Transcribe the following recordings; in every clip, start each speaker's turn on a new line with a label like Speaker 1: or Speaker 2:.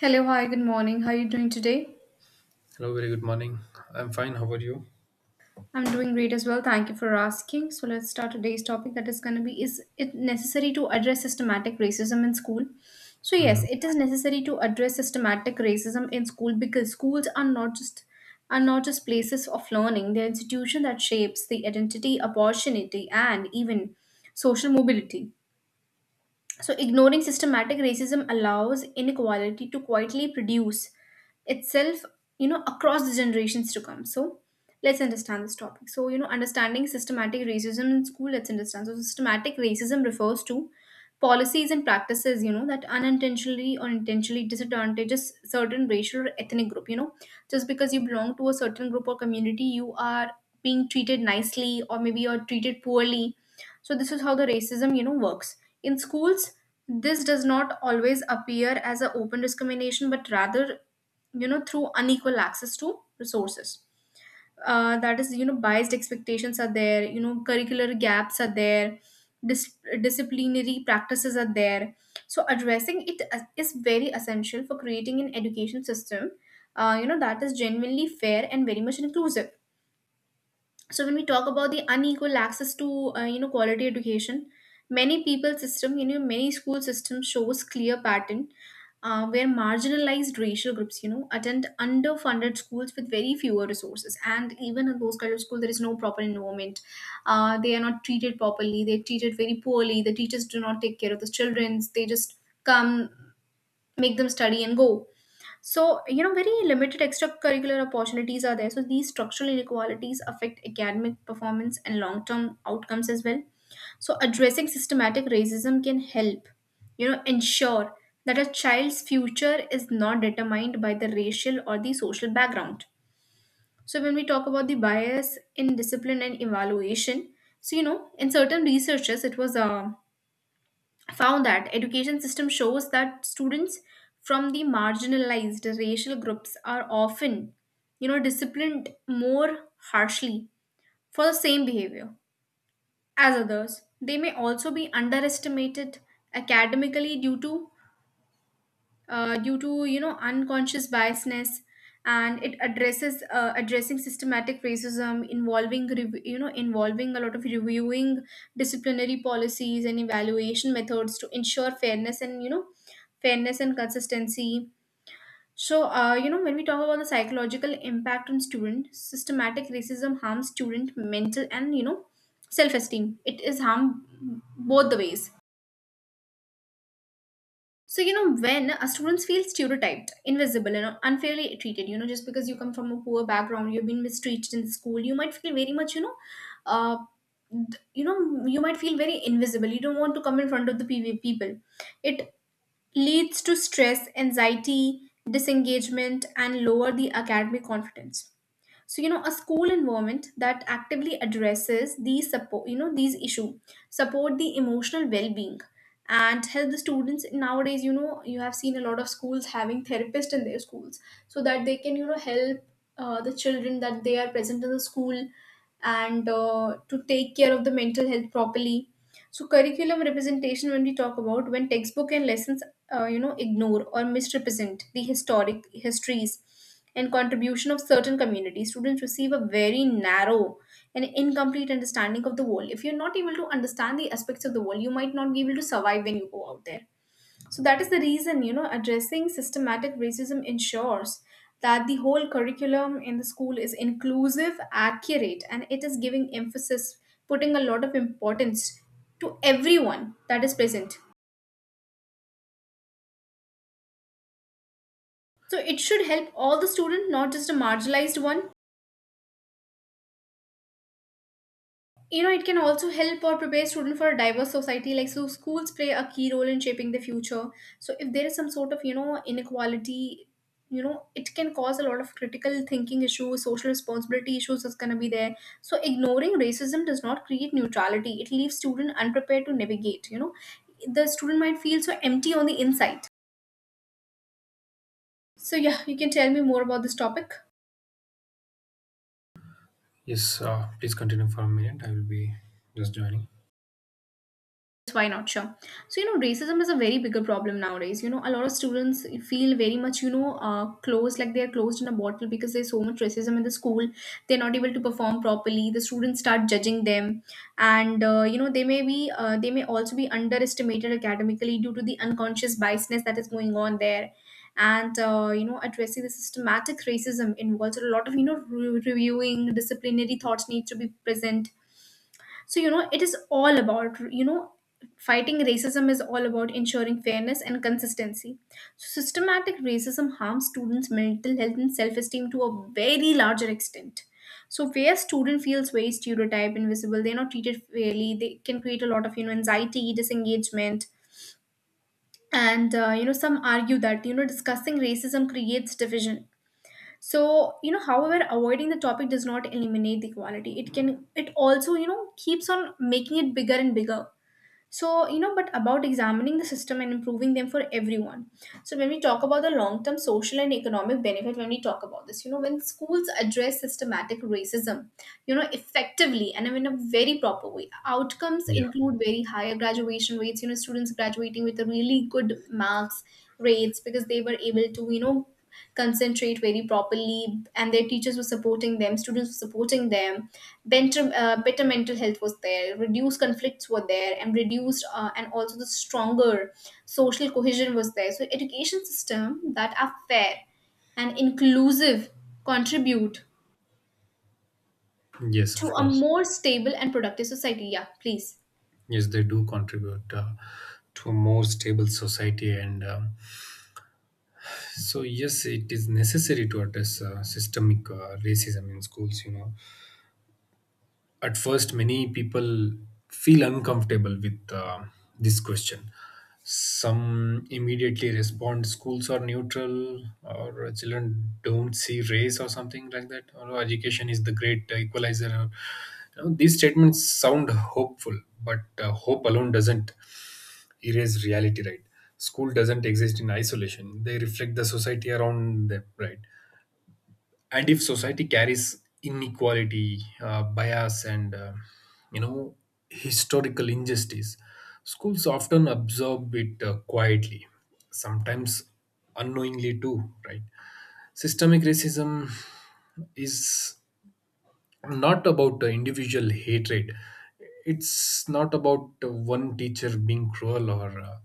Speaker 1: Hello, hi, good morning. How are you doing today?
Speaker 2: Hello, very good morning. I'm fine. How are you?
Speaker 1: I'm doing great as well. Thank you for asking. So let's start today's topic that is going to be, is it necessary to address systematic racism in school? So yes,
Speaker 2: Hmm.
Speaker 1: it is necessary to address systematic racism in school because schools are not just places of learning. They're institution that shapes the identity, opportunity, and even social mobility. So, ignoring systematic racism allows inequality to quietly produce itself, across the generations to come. So, let's understand this topic. So, understanding systematic racism in school, let's understand. So, systematic racism refers to policies and practices, that unintentionally or intentionally disadvantages certain racial or ethnic group, just because you belong to a certain group or community, you are being treated nicely or maybe you're treated poorly, so this is how the racism works. In schools, this does not always appear as an open discrimination, but rather, through unequal access to resources. That is, biased expectations are there. Curricular gaps are there. Disciplinary practices are there. So addressing it is very essential for creating an education system, that is genuinely fair and very much inclusive. So when we talk about the unequal access to quality education, many people system many school system shows clear pattern, where marginalized racial groups attend underfunded schools with very fewer resources, and even in those kind of school there is no proper environment. They are not treated properly. They're treated very poorly. The teachers do not take care of the children. They just come, make them study, and go. So, very limited extracurricular opportunities are there. So, these structural inequalities affect academic performance and long term outcomes as well. So, addressing systematic racism can help ensure that a child's future is not determined by the racial or the social background. So, when we talk about the bias in discipline and evaluation, in certain researchers, it was found that education system shows that students from the marginalized racial groups are often disciplined more harshly for the same behavior as others. They may also be underestimated academically due to unconscious biasness, and it addresses addressing systematic racism involving a lot of reviewing disciplinary policies and evaluation methods to ensure fairness and consistency. So, when we talk about the psychological impact on student, systematic racism harms student mental and self-esteem. It is harm both the ways. So, when a students feel stereotyped, invisible, and unfairly treated, just because you come from a poor background, you've been mistreated in school, you might feel very much, uh, you might feel very invisible. You don't want to come in front of the PV people. It leads to stress, anxiety, disengagement, and lower the academic confidence. So, a school environment that actively addresses these, support these issue, support the emotional well-being, and help the students. Nowadays, you have seen a lot of schools having therapists in their schools, so that they can help the children, that they are present in the school, and to take care of the mental health properly. So, curriculum representation, when we talk about, when textbook and lessons ignore or misrepresent the historic histories and contribution of certain communities, students receive a very narrow and incomplete understanding of the world. If you're not able to understand the aspects of the world, you might not be able to survive when you go out there. So that is the reason, addressing systematic racism ensures that the whole curriculum in the school is inclusive, accurate, and it is giving emphasis, putting a lot of importance to everyone that is present. So it should help all the students, not just a marginalized one. It can also help or prepare students for a diverse society. Like, so schools play a key role in shaping the future. So, if there is some sort of inequality, it can cause a lot of critical thinking issues, social responsibility issues is going to be there. So, ignoring racism does not create neutrality. It leaves student unprepared to navigate. The student might feel so empty on the inside. So, yeah, you can tell me more about this topic.
Speaker 2: Yes, please continue for a minute. I will be just joining.
Speaker 1: Yes, why not? Sure. So, racism is a very bigger problem nowadays. A lot of students feel very much, closed, like they're closed in a bottle, because there's so much racism in the school. They're not able to perform properly. The students start judging them, and they may also be underestimated academically due to the unconscious biasness that is going on there. And addressing the systematic racism involves a lot of reviewing disciplinary thoughts need to be present. It is all about you know fighting racism is all about ensuring fairness and consistency. So, systematic racism harms students mental health and self-esteem to a very larger extent. So where student feels very stereotyped, invisible, they're not treated fairly, they can create a lot of anxiety, disengagement, and some argue that discussing racism creates division. However, avoiding the topic does not eliminate the quality. It also keeps on making it bigger and bigger. But about examining the system and improving them for everyone. So, when we talk about the long term social and economic benefit, when we talk about this you know when schools address systematic racism effectively and in a very proper way, outcomes
Speaker 2: Yeah.
Speaker 1: include very higher graduation rates. Students graduating with a really good marks rates because they were able to concentrate very properly, and their teachers were supporting them, students were supporting them. Better mental health was there, reduced conflicts were there, and also the stronger social cohesion was there. So education system that are fair and inclusive contribute
Speaker 2: Yes,
Speaker 1: to
Speaker 2: of
Speaker 1: a
Speaker 2: course.
Speaker 1: more stable and productive society. Yeah, please.
Speaker 2: Yes, they do contribute to a more stable society. And So, yes, it is necessary to address systemic racism in schools, you know. At first many people feel uncomfortable with this question. Some immediately respond, schools are neutral, or children don't see race, or something like that, or, "Oh, education is the great equalizer," or, you know, these statements sound hopeful, but hope alone doesn't erase reality, right? School doesn't exist in isolation, they reflect the society around them, right? And if society carries inequality, bias, and you know historical injustice, schools often absorb it quietly, sometimes unknowingly too, right? Systemic racism is not about individual hatred. It's not about one teacher being cruel, or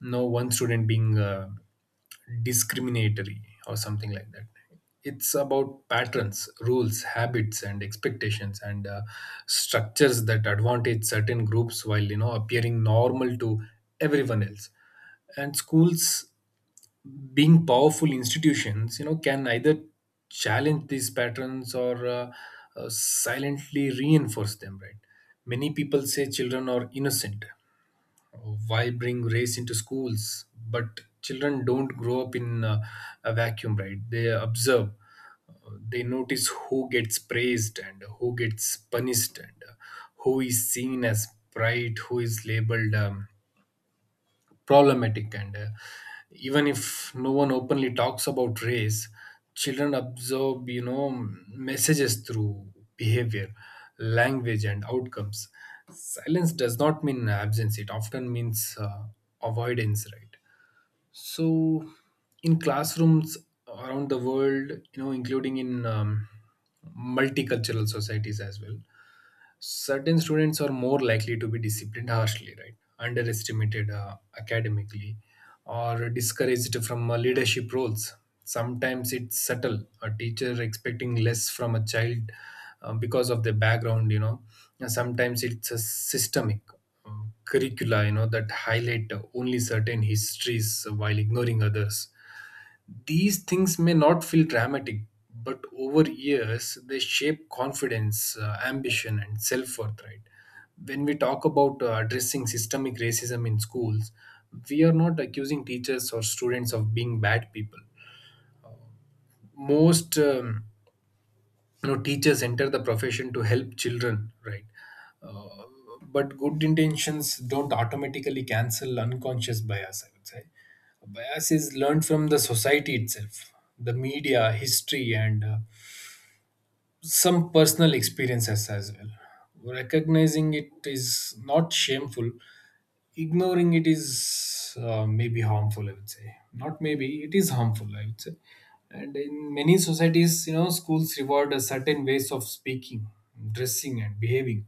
Speaker 2: no one student being discriminatory or something like that. It's about patterns, rules, habits, and expectations, and structures that advantage certain groups while, you know, appearing normal to everyone else. And schools, being powerful institutions, you know, can either challenge these patterns or silently reinforce them, right? Many people say children are innocent, why bring race into schools? But children don't grow up in a vacuum, right? They observe. They notice who gets praised and who gets punished, and who is seen as bright, who is labeled problematic, and even if no one openly talks about race, children absorb, you know, messages through behavior, language, and outcomes. Silence does not mean absence, it often means avoidance, right? So in classrooms around the world, you know, including in multicultural societies as well, certain students are more likely to be disciplined harshly, right, underestimated academically, or discouraged from leadership roles. Sometimes it's subtle, a teacher expecting less from a child because of their background, you know. And sometimes it's a systemic uh, curricula, you know, that highlight only certain histories while ignoring others. These things may not feel dramatic, but over years they shape confidence, ambition, and self worth, right? When we talk about addressing systemic racism in schools, we are not accusing teachers or students of being bad people. Most you know, teachers enter the profession to help children, right? uh, but good intentions don't automatically cancel unconscious bias, I would say. Bias is learned from the society itself, the media, history, and some personal experiences as well. Recognizing it is not shameful. Ignoring it is maybe harmful, I would say. Not maybe, it is harmful, I would say. And in many societies, you know, schools reward a certain ways of speaking, dressing, and behaving,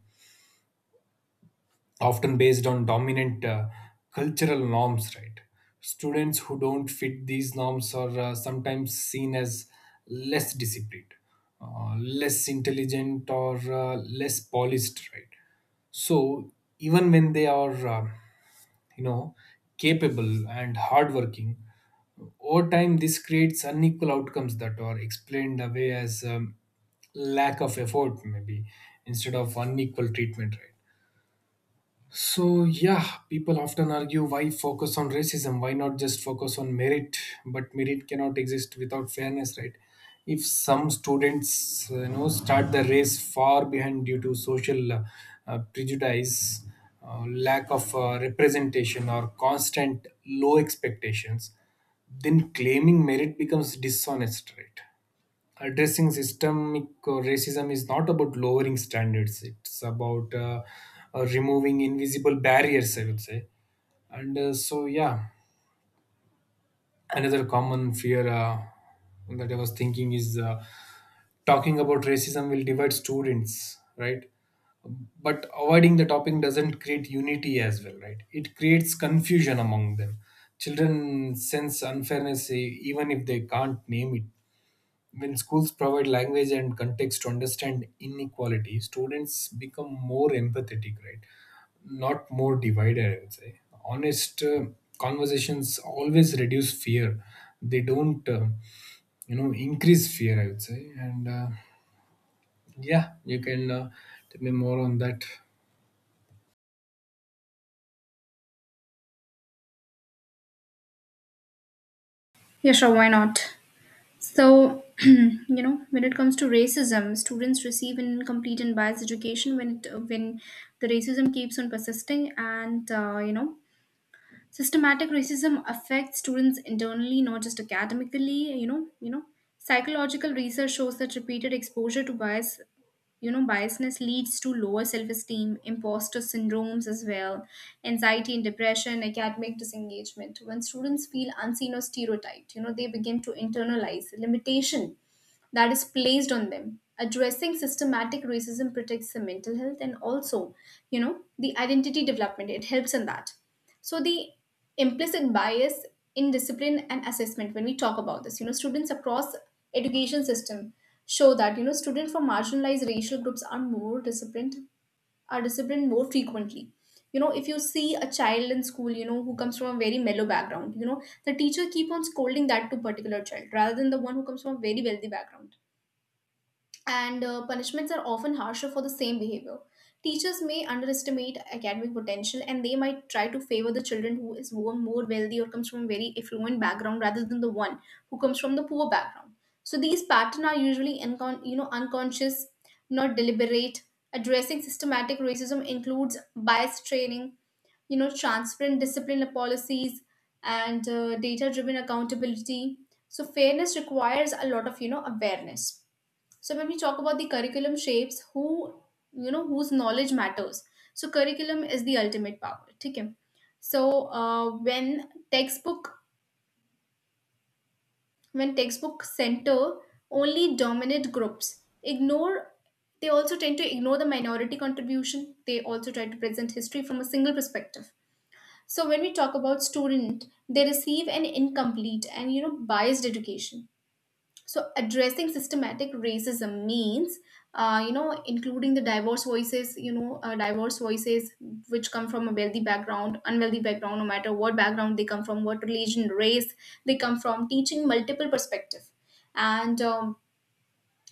Speaker 2: often based on dominant cultural norms, right? Students who don't fit these norms are sometimes seen as less disciplined, less intelligent, or less polished, right? So even when they are you know capable and hardworking, over time this creates unequal outcomes that are explained away as lack of effort, maybe, instead of unequal treatment, right? So, yeah, people often argue, why focus on racism? Why not just focus on merit? But merit cannot exist without fairness, right? If some students, start the race far behind due to social prejudice, lack of representation, or constant low expectations, then claiming merit becomes dishonest, right? Addressing systemic racism is not about lowering standards, it's about removing invisible barriers, I would say. And so, yeah, another common fear that I was thinking is talking about racism will divide students, right? But avoiding the topic doesn't create unity as well, right? It creates confusion among them. Children sense unfairness, even if they can't name it. When schools provide language and context to understand inequality, students become more empathetic, right? Not more divided, I would say. Honest conversations always reduce fear. They don't, increase fear, I would say. And yeah, you can tell me more on that.
Speaker 1: Yeah, sure, why not? So, when it comes to racism, students receive an incomplete and biased education when the racism keeps on persisting. Systematic racism affects students internally, not just academically. Psychological research shows that repeated exposure to bias, biasness leads to lower self-esteem, imposter syndromes as well, anxiety and depression, academic disengagement. When students feel unseen or stereotyped, they begin to internalize limitation that is placed on them. Addressing systematic racism protects the mental health and also the identity development. It helps in that. So the implicit bias in discipline and assessment, when we talk about this, students across education system show that students from marginalized racial groups are disciplined more frequently. If you see a child in school, who comes from a very mellow background, the teacher keep on scolding that to particular child rather than the one who comes from a very wealthy background, and punishments are often harsher for the same behavior. Teachers may underestimate academic potential, and they might try to favor the children who is more wealthy or comes from a very affluent background rather than the one who comes from the poor background. So these patterns are usually unconscious, not deliberate. Addressing systematic racism includes bias training, transparent discipline policies, and data driven accountability. So fairness requires a lot of awareness. So when we talk about the curriculum shapes, whose knowledge matters. So curriculum is the ultimate power. ठीक है? So, when textbook center only dominant groups, ignore they also tend to ignore the minority contribution. They also try to present history from a single perspective. So when we talk about student, they receive an incomplete and biased education. So addressing systematic racism means including the diverse voices which come from a wealthy background, unwealthy background, no matter what background they come from, what religion, race they come from, teaching multiple perspective, and um,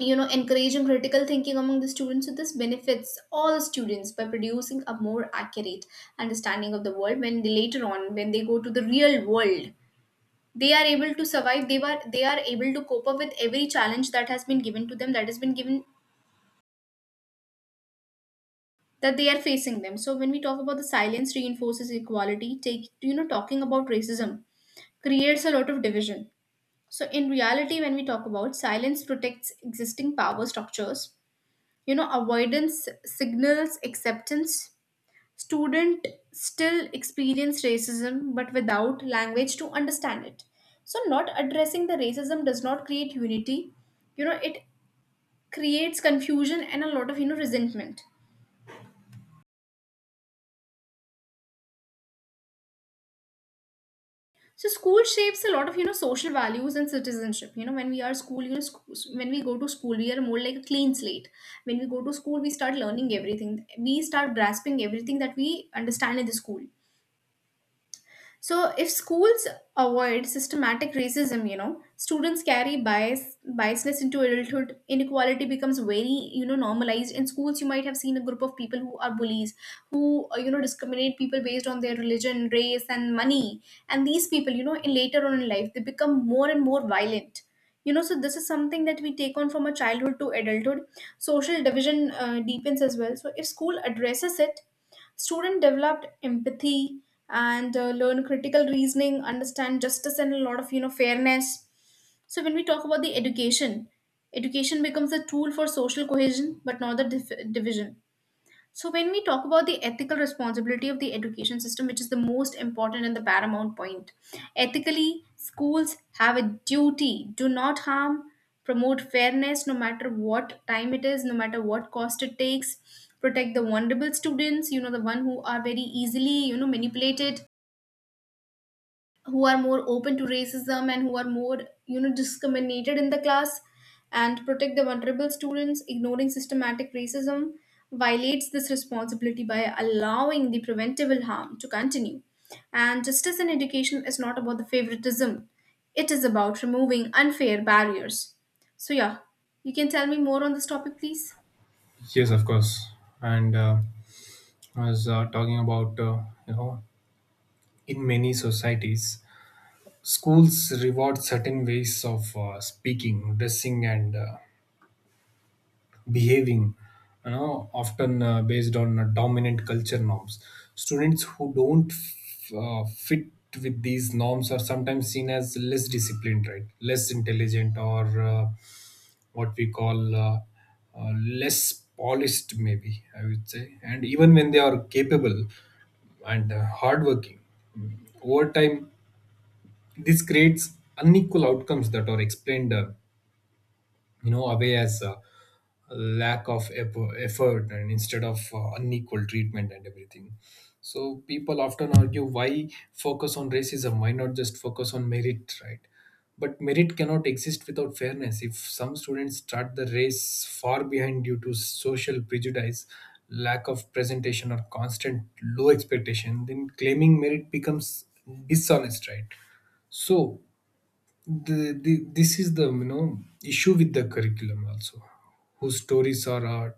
Speaker 1: you know, encouraging critical thinking among the students. So this benefits all students by producing a more accurate understanding of the world when they later on when they go to the real world they are able to survive they are able to cope up with every challenge that has been given to them that has been given that they are facing them. So when we talk about the silence reinforces equality, take talking about racism creates a lot of division. So in reality, when we talk about silence protects existing power structures, you know, avoidance signals acceptance. Student still experience racism but without language to understand it. So, not addressing the racism does not create unity. You know, it creates confusion and a lot of, resentment. So school shapes a lot of social values and citizenship. You know when we are school, when we go to school, we are more like a clean slate. When we go to school, we start learning everything. We start grasping everything that we understand in the school. So if schools avoid systematic racism, you know, students carry biasness into adulthood. Inequality becomes very, normalized. In schools, you might have seen a group of people who are bullies, who you know, discriminate people based on their religion, race, and money. And these people, you know, in later on in life, they become more and more violent. You know, so this is something that we take on from a childhood to adulthood. Social division deepens as well. So if school addresses it, student developed empathy and learn critical reasoning, understand justice and a lot of fairness. So when we talk about the education becomes a tool for social cohesion but not the division. So, when we talk about the ethical responsibility of the education system, which is the most important and the paramount point, ethically, schools have a duty do not harm, promote fairness no matter what time it is, no matter what cost it takes, protect the vulnerable students, you know, the one who are very easily, manipulated, who are more open to racism and who are more discriminated in the class, and protect the vulnerable students. Ignoring systematic racism violates this responsibility by allowing the preventable harm to continue, and justice in education is not about the favoritism, it is about removing unfair barriers. So yeah, you can tell me more on this topic please.
Speaker 2: Yes, of course. And I was talking about, in many societies, schools reward certain ways of speaking, dressing, and behaving, you know, often based on dominant culture norms. Students who don't fit with these norms are sometimes seen as less disciplined, right? Less intelligent, or what we call less polished, maybe, I would say. And even when they are capable and hardworking, over time this creates unequal outcomes that are explained you know, away as lack of effort, and instead of unequal treatment and everything. So people often argue, why focus on racism, why not just focus on merit, right? But merit cannot exist without fairness. If some students start the race far behind due to social prejudice, lack of presentation, or constant low expectation, then claiming merit becomes dishonest, right? So the this is the, you know, issue with the curriculum also, whose stories are uh,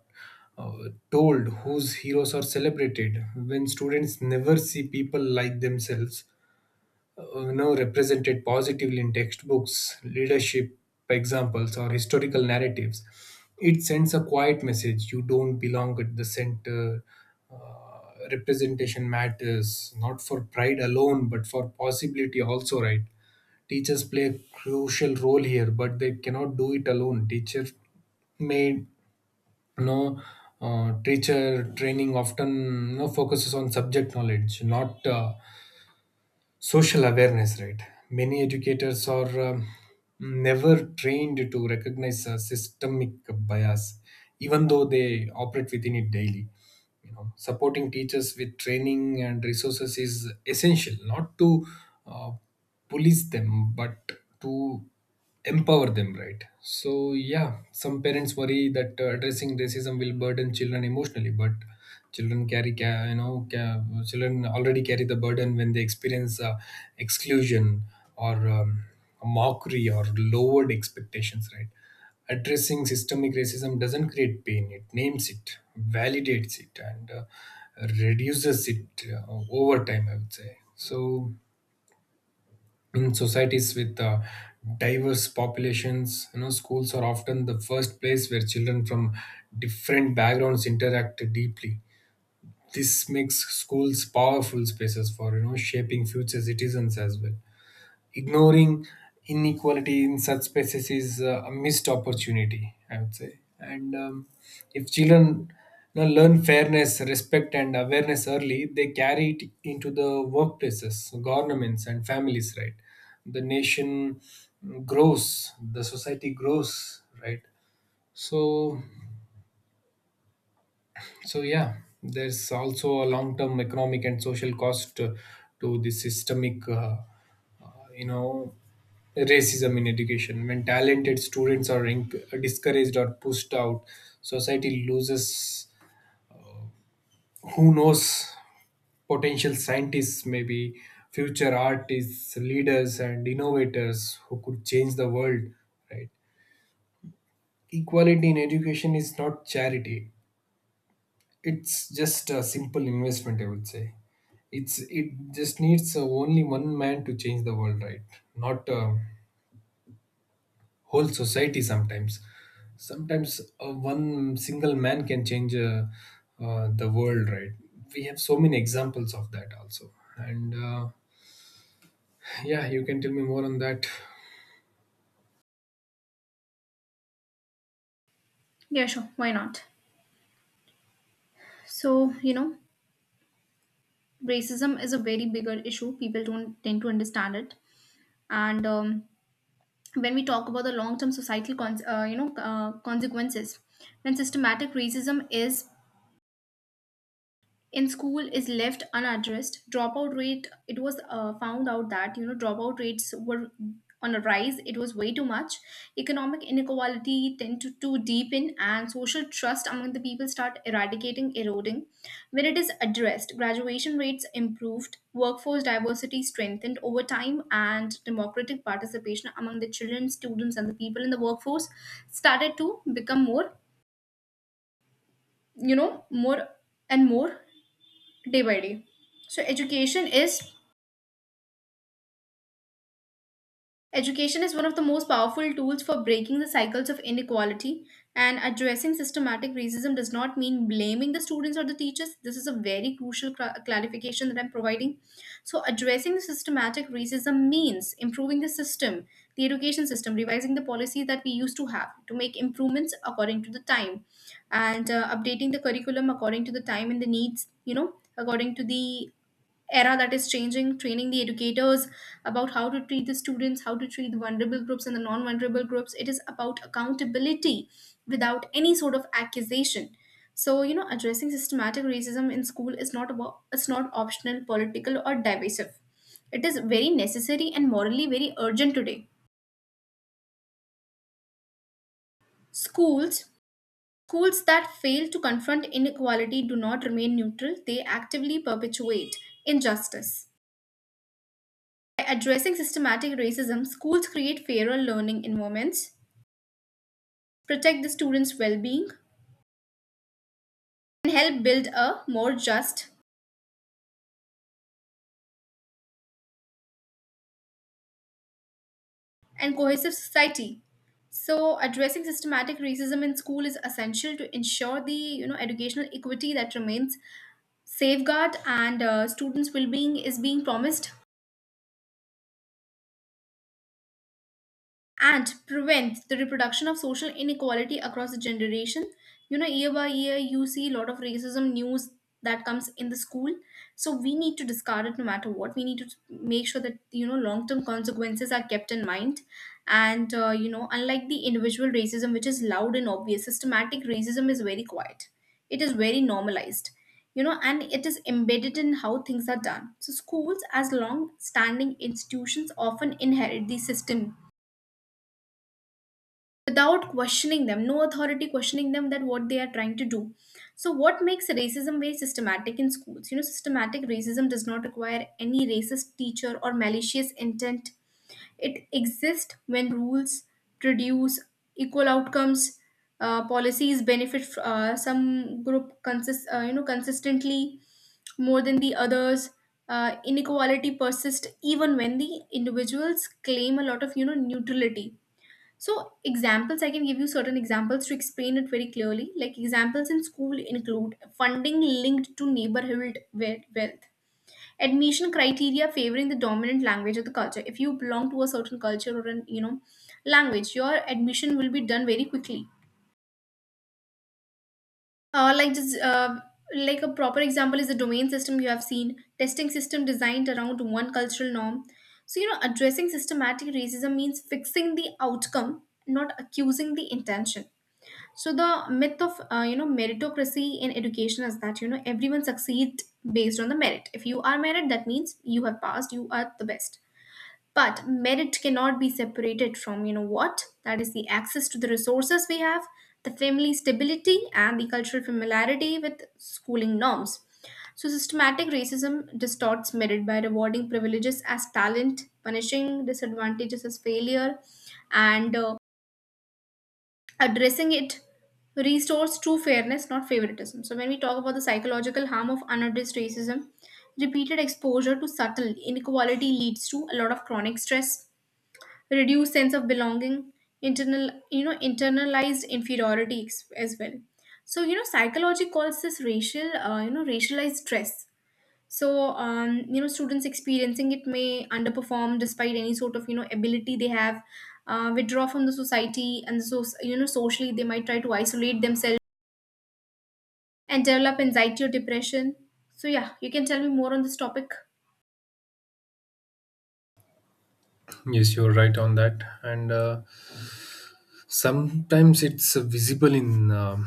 Speaker 2: uh, told, whose heroes are celebrated. When students never see people like themselves, represented positively in textbooks, leadership examples, or historical narratives, it sends a quiet message: you don't belong at the center. uh, Representation matters, not for pride alone, but for possibility also, right? Teachers play a crucial role here, but they cannot do it alone. May no Teacher training often no focuses on subject knowledge, not social awareness, right? Many educators are never trained to recognize a systemic bias, even though they operate within it daily. You know, supporting teachers with training and resources is essential, not to uh, police them, but to empower them, right? So, yeah, some parents worry that addressing racism will burden children emotionally, but children carry ca- you know ca- children already carry the burden when they experience exclusion, or mockery, or lowered expectations, right? Addressing systemic racism doesn't create pain, it names it, validates it, and reduces it over time, I would say. So in societies with diverse populations, you know, schools are often the first place where children from different backgrounds interact deeply. This makes schools powerful spaces for, you know, shaping future citizens as well. Ignoring inequality in such spaces is a missed opportunity, I would say. And if children, you know, learn fairness, respect, and awareness early, they carry it into the workplaces, governments, and families, right? The nation grows, the society grows, right? So so yeah, there's also a long-term economic and social cost to the systemic, uh, you know, racism in education. When talented students are discouraged or pushed out, society loses. Who knows? Potential scientists, maybe, future artists, leaders, and innovators who could change the world. Right? Equality in education is not charity, it's just a simple investment, I would say. It just needs only one man to change the world, right? Not whole society. Sometimes, one single man can change the world, right? We have so many examples of that also. And yeah, you can tell me more on that.
Speaker 1: Yeah, sure, why not. So you know, racism is a very bigger issue, people don't tend to understand it. And When we talk about the long-term you know, consequences, when systematic racism is in school is left unaddressed, dropout rate, it was found out that you know dropout rates were on a rise, it was way too much. Economic inequality tend to deepen and social trust among the people start eradicating eroding. When it is addressed, graduation rates improved, workforce diversity strengthened over time and democratic participation among the children students and the people in the workforce started to become more, more and more, day by day. So education is one of the most powerful tools for breaking the cycles of inequality, and addressing systematic racism does not mean blaming the students or the teachers. This is a very crucial clarification that I'm providing. So addressing the systematic racism means improving the system, the education system, revising the policy that we used to have to make improvements according to the time, and updating the curriculum according to the time and the needs, you know, according to the era that is changing, training the educators about how to treat the students, how to treat the vulnerable groups and the non vulnerable groups. It is about accountability without any sort of accusation. So, you know, addressing systematic racism in school is not about it's not optional, political, or divisive. It is very necessary and morally very urgent today. Schools Schools that fail to confront inequality do not remain neutral, they actively perpetuate injustice. By addressing systematic racism, schools create fairer learning environments, protect the students' well being, and help build a more just and cohesive society. So, addressing systematic racism in school is essential to ensure the educational equity that remains safeguard and students' well being is being promised, and prevent the reproduction of social inequality across the generation. You know, year by year you see a lot of racism news that comes in the school, so we need to discard it no matter what. We need to make sure that you know long term consequences are kept in mind. And you know, unlike the individual racism which is loud and obvious, systematic racism is very quiet, it is very normalized, you know, and it is embedded in how things are done. So schools, as long standing institutions, often inherit the system without questioning them, no authority questioning them that what they are trying to do. So, what makes racism very systematic in schools? You know, systematic racism does not require any racist teacher or malicious intent. It exists when rules produce equal outcomes, policies benefit some group you know, consistently more than the others. Inequality persists even when the individuals claim a lot of you know neutrality. So, examples, I can give you certain examples to explain it very clearly. Like, examples in school include funding linked to neighborhood wealth, admission criteria favoring the dominant language of the culture. If you belong to a certain culture or an, you know, language, your admission will be done very quickly. Uh, like just uh, like a proper example is the domain system you have seen, testing system designed around one cultural norm. So, you know, addressing systematic racism means fixing the outcome, not accusing the intention. So the myth of you know, meritocracy in education is that you know everyone succeeds based on the merit. If you are merit, that means you have passed. You are the best. But merit cannot be separated from you know what that is the access to the resources we have, the family stability, and the cultural familiarity with schooling norms. So systematic racism distorts merit by rewarding privileges as talent, punishing disadvantages as failure, and addressing it restores true fairness, not favoritism. So, when we talk about the psychological harm of unaddressed racism, repeated exposure to subtle inequality leads to a lot of chronic stress, reduced sense of belonging, you know, internalized inferiority as well. So, you know, psychology calls this you know, racialized stress. So you know, students experiencing it may underperform despite any sort of you know ability they have, withdraw from the society, and so you know socially they might try to isolate themselves and develop anxiety or depression. So yeah, you can tell me more on this topic.
Speaker 2: Yes, you're right on that. And sometimes it's visible in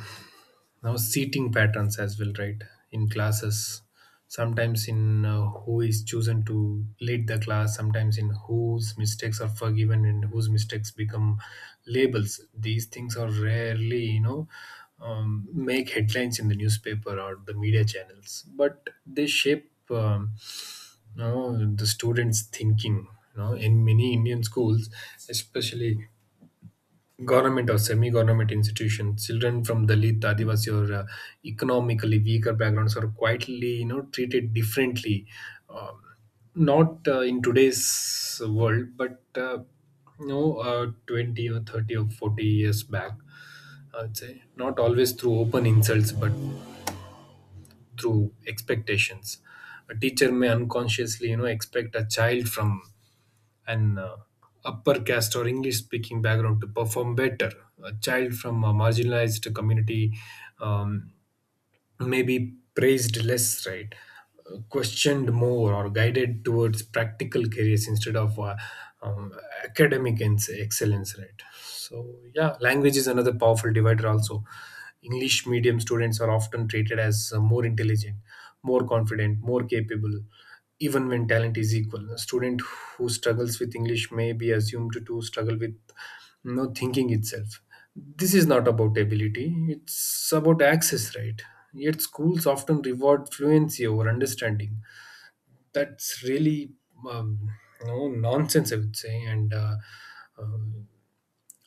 Speaker 2: now seating patterns as well, right? In classes, sometimes in who is chosen to lead the class, sometimes in whose mistakes are forgiven and whose mistakes become labels. These things are rarely, you know, make headlines in the newspaper or the media channels, but they shape, you know, the students thinking. You know, in many Indian schools, especially government or semi-government institutions, children from Dalit, Adivasi, or economically weaker backgrounds are quietly, you know, treated differently, um, not in today's world, but 20 or 30 or 40 years back, I'd say, not always through open insults, but through expectations. A teacher may unconsciously, you know, expect a child from an upper caste or English speaking background to perform better. A child from a marginalized community, um, maybe praised less, right? Questioned more, or guided towards practical careers instead of um, academic excellence, right? So, yeah, language is another powerful divider, also. English medium students are often treated as more intelligent, more confident, more capable, even when talent is equal. A student who struggles with English may be assumed to struggle with no thinking itself. This is not about ability, it's about access, right? Yet schools often reward fluency over understanding. That's really, um, no nonsense, I would say, and um,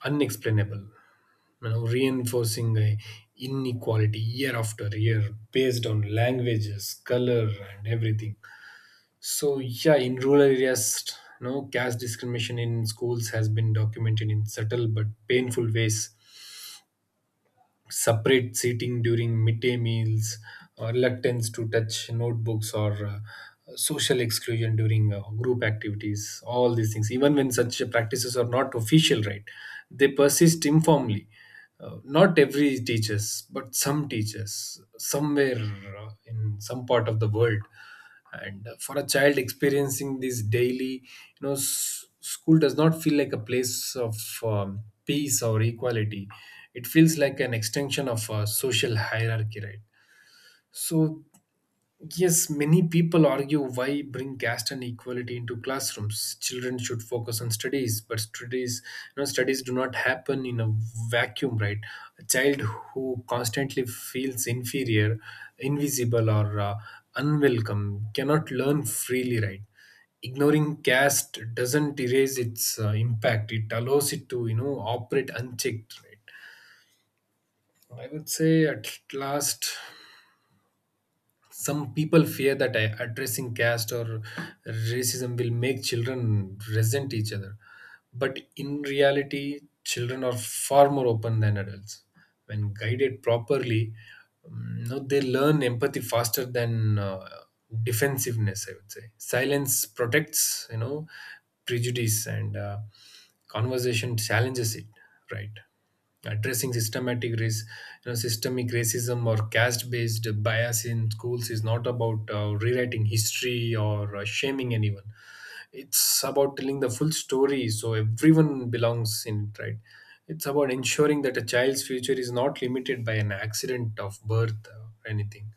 Speaker 2: unexplainable, you know, reinforcing a inequality year after year based on languages, color, and everything. So yeah, in rural areas, no caste discrimination in schools has been documented in subtle but painful ways: separate seating during midday meals, reluctance to touch notebooks, or social exclusion during group activities. All these things, even when such practices are not official, right? They persist informally. Not every teachers, but some teachers somewhere in some part of the world. And for a child experiencing this daily, you know, school does not feel like a place of um, peace or equality, it feels like an extension of a social hierarchy, right? So, yes, many people argue, why bring caste and equality into classrooms? Children should focus on studies. But studies do not happen in a vacuum, right? A child who constantly feels inferior, invisible, or unwelcome cannot learn freely, right? Ignoring caste doesn't erase its impact. It allows it to, you know, operate unchecked, right? I would say, at last, some people fear that addressing caste or racism will make children resent each other. But in reality, children are far more open than adults. When guided properly, you know, they learn empathy faster than defensiveness, I would say. Silence protects, you know, prejudice, and conversation challenges it, right? addressing systematic race, you know, Systemic racism or caste-based bias in schools is not about rewriting history or shaming anyone. It's about telling the full story, so everyone belongs in it, right? It's about ensuring that a child's future is not limited by an accident of birth or anything.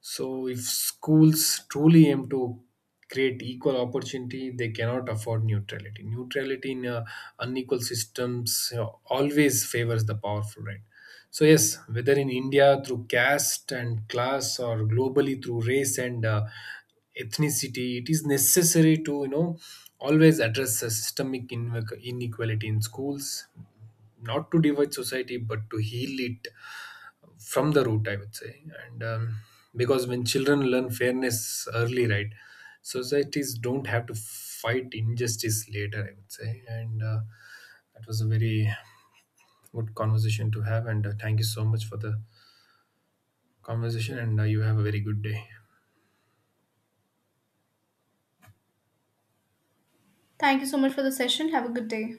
Speaker 2: So, if schools truly aim to create equal opportunity, they cannot afford neutrality. Neutrality in unequal systems you always favors the powerful, right? So, yes, whether in India through caste and class, or globally through race and ethnicity, it is necessary to, you know, always address the systemic inequality in schools, not to divide society, but to heal it from the root, I would say. And because when children learn fairness early, right, societies don't have to fight injustice later, I would say. And that was a very good conversation to have, and thank you so much for the conversation, and you have a very good day.
Speaker 1: Thank you so much for the session, have a good day.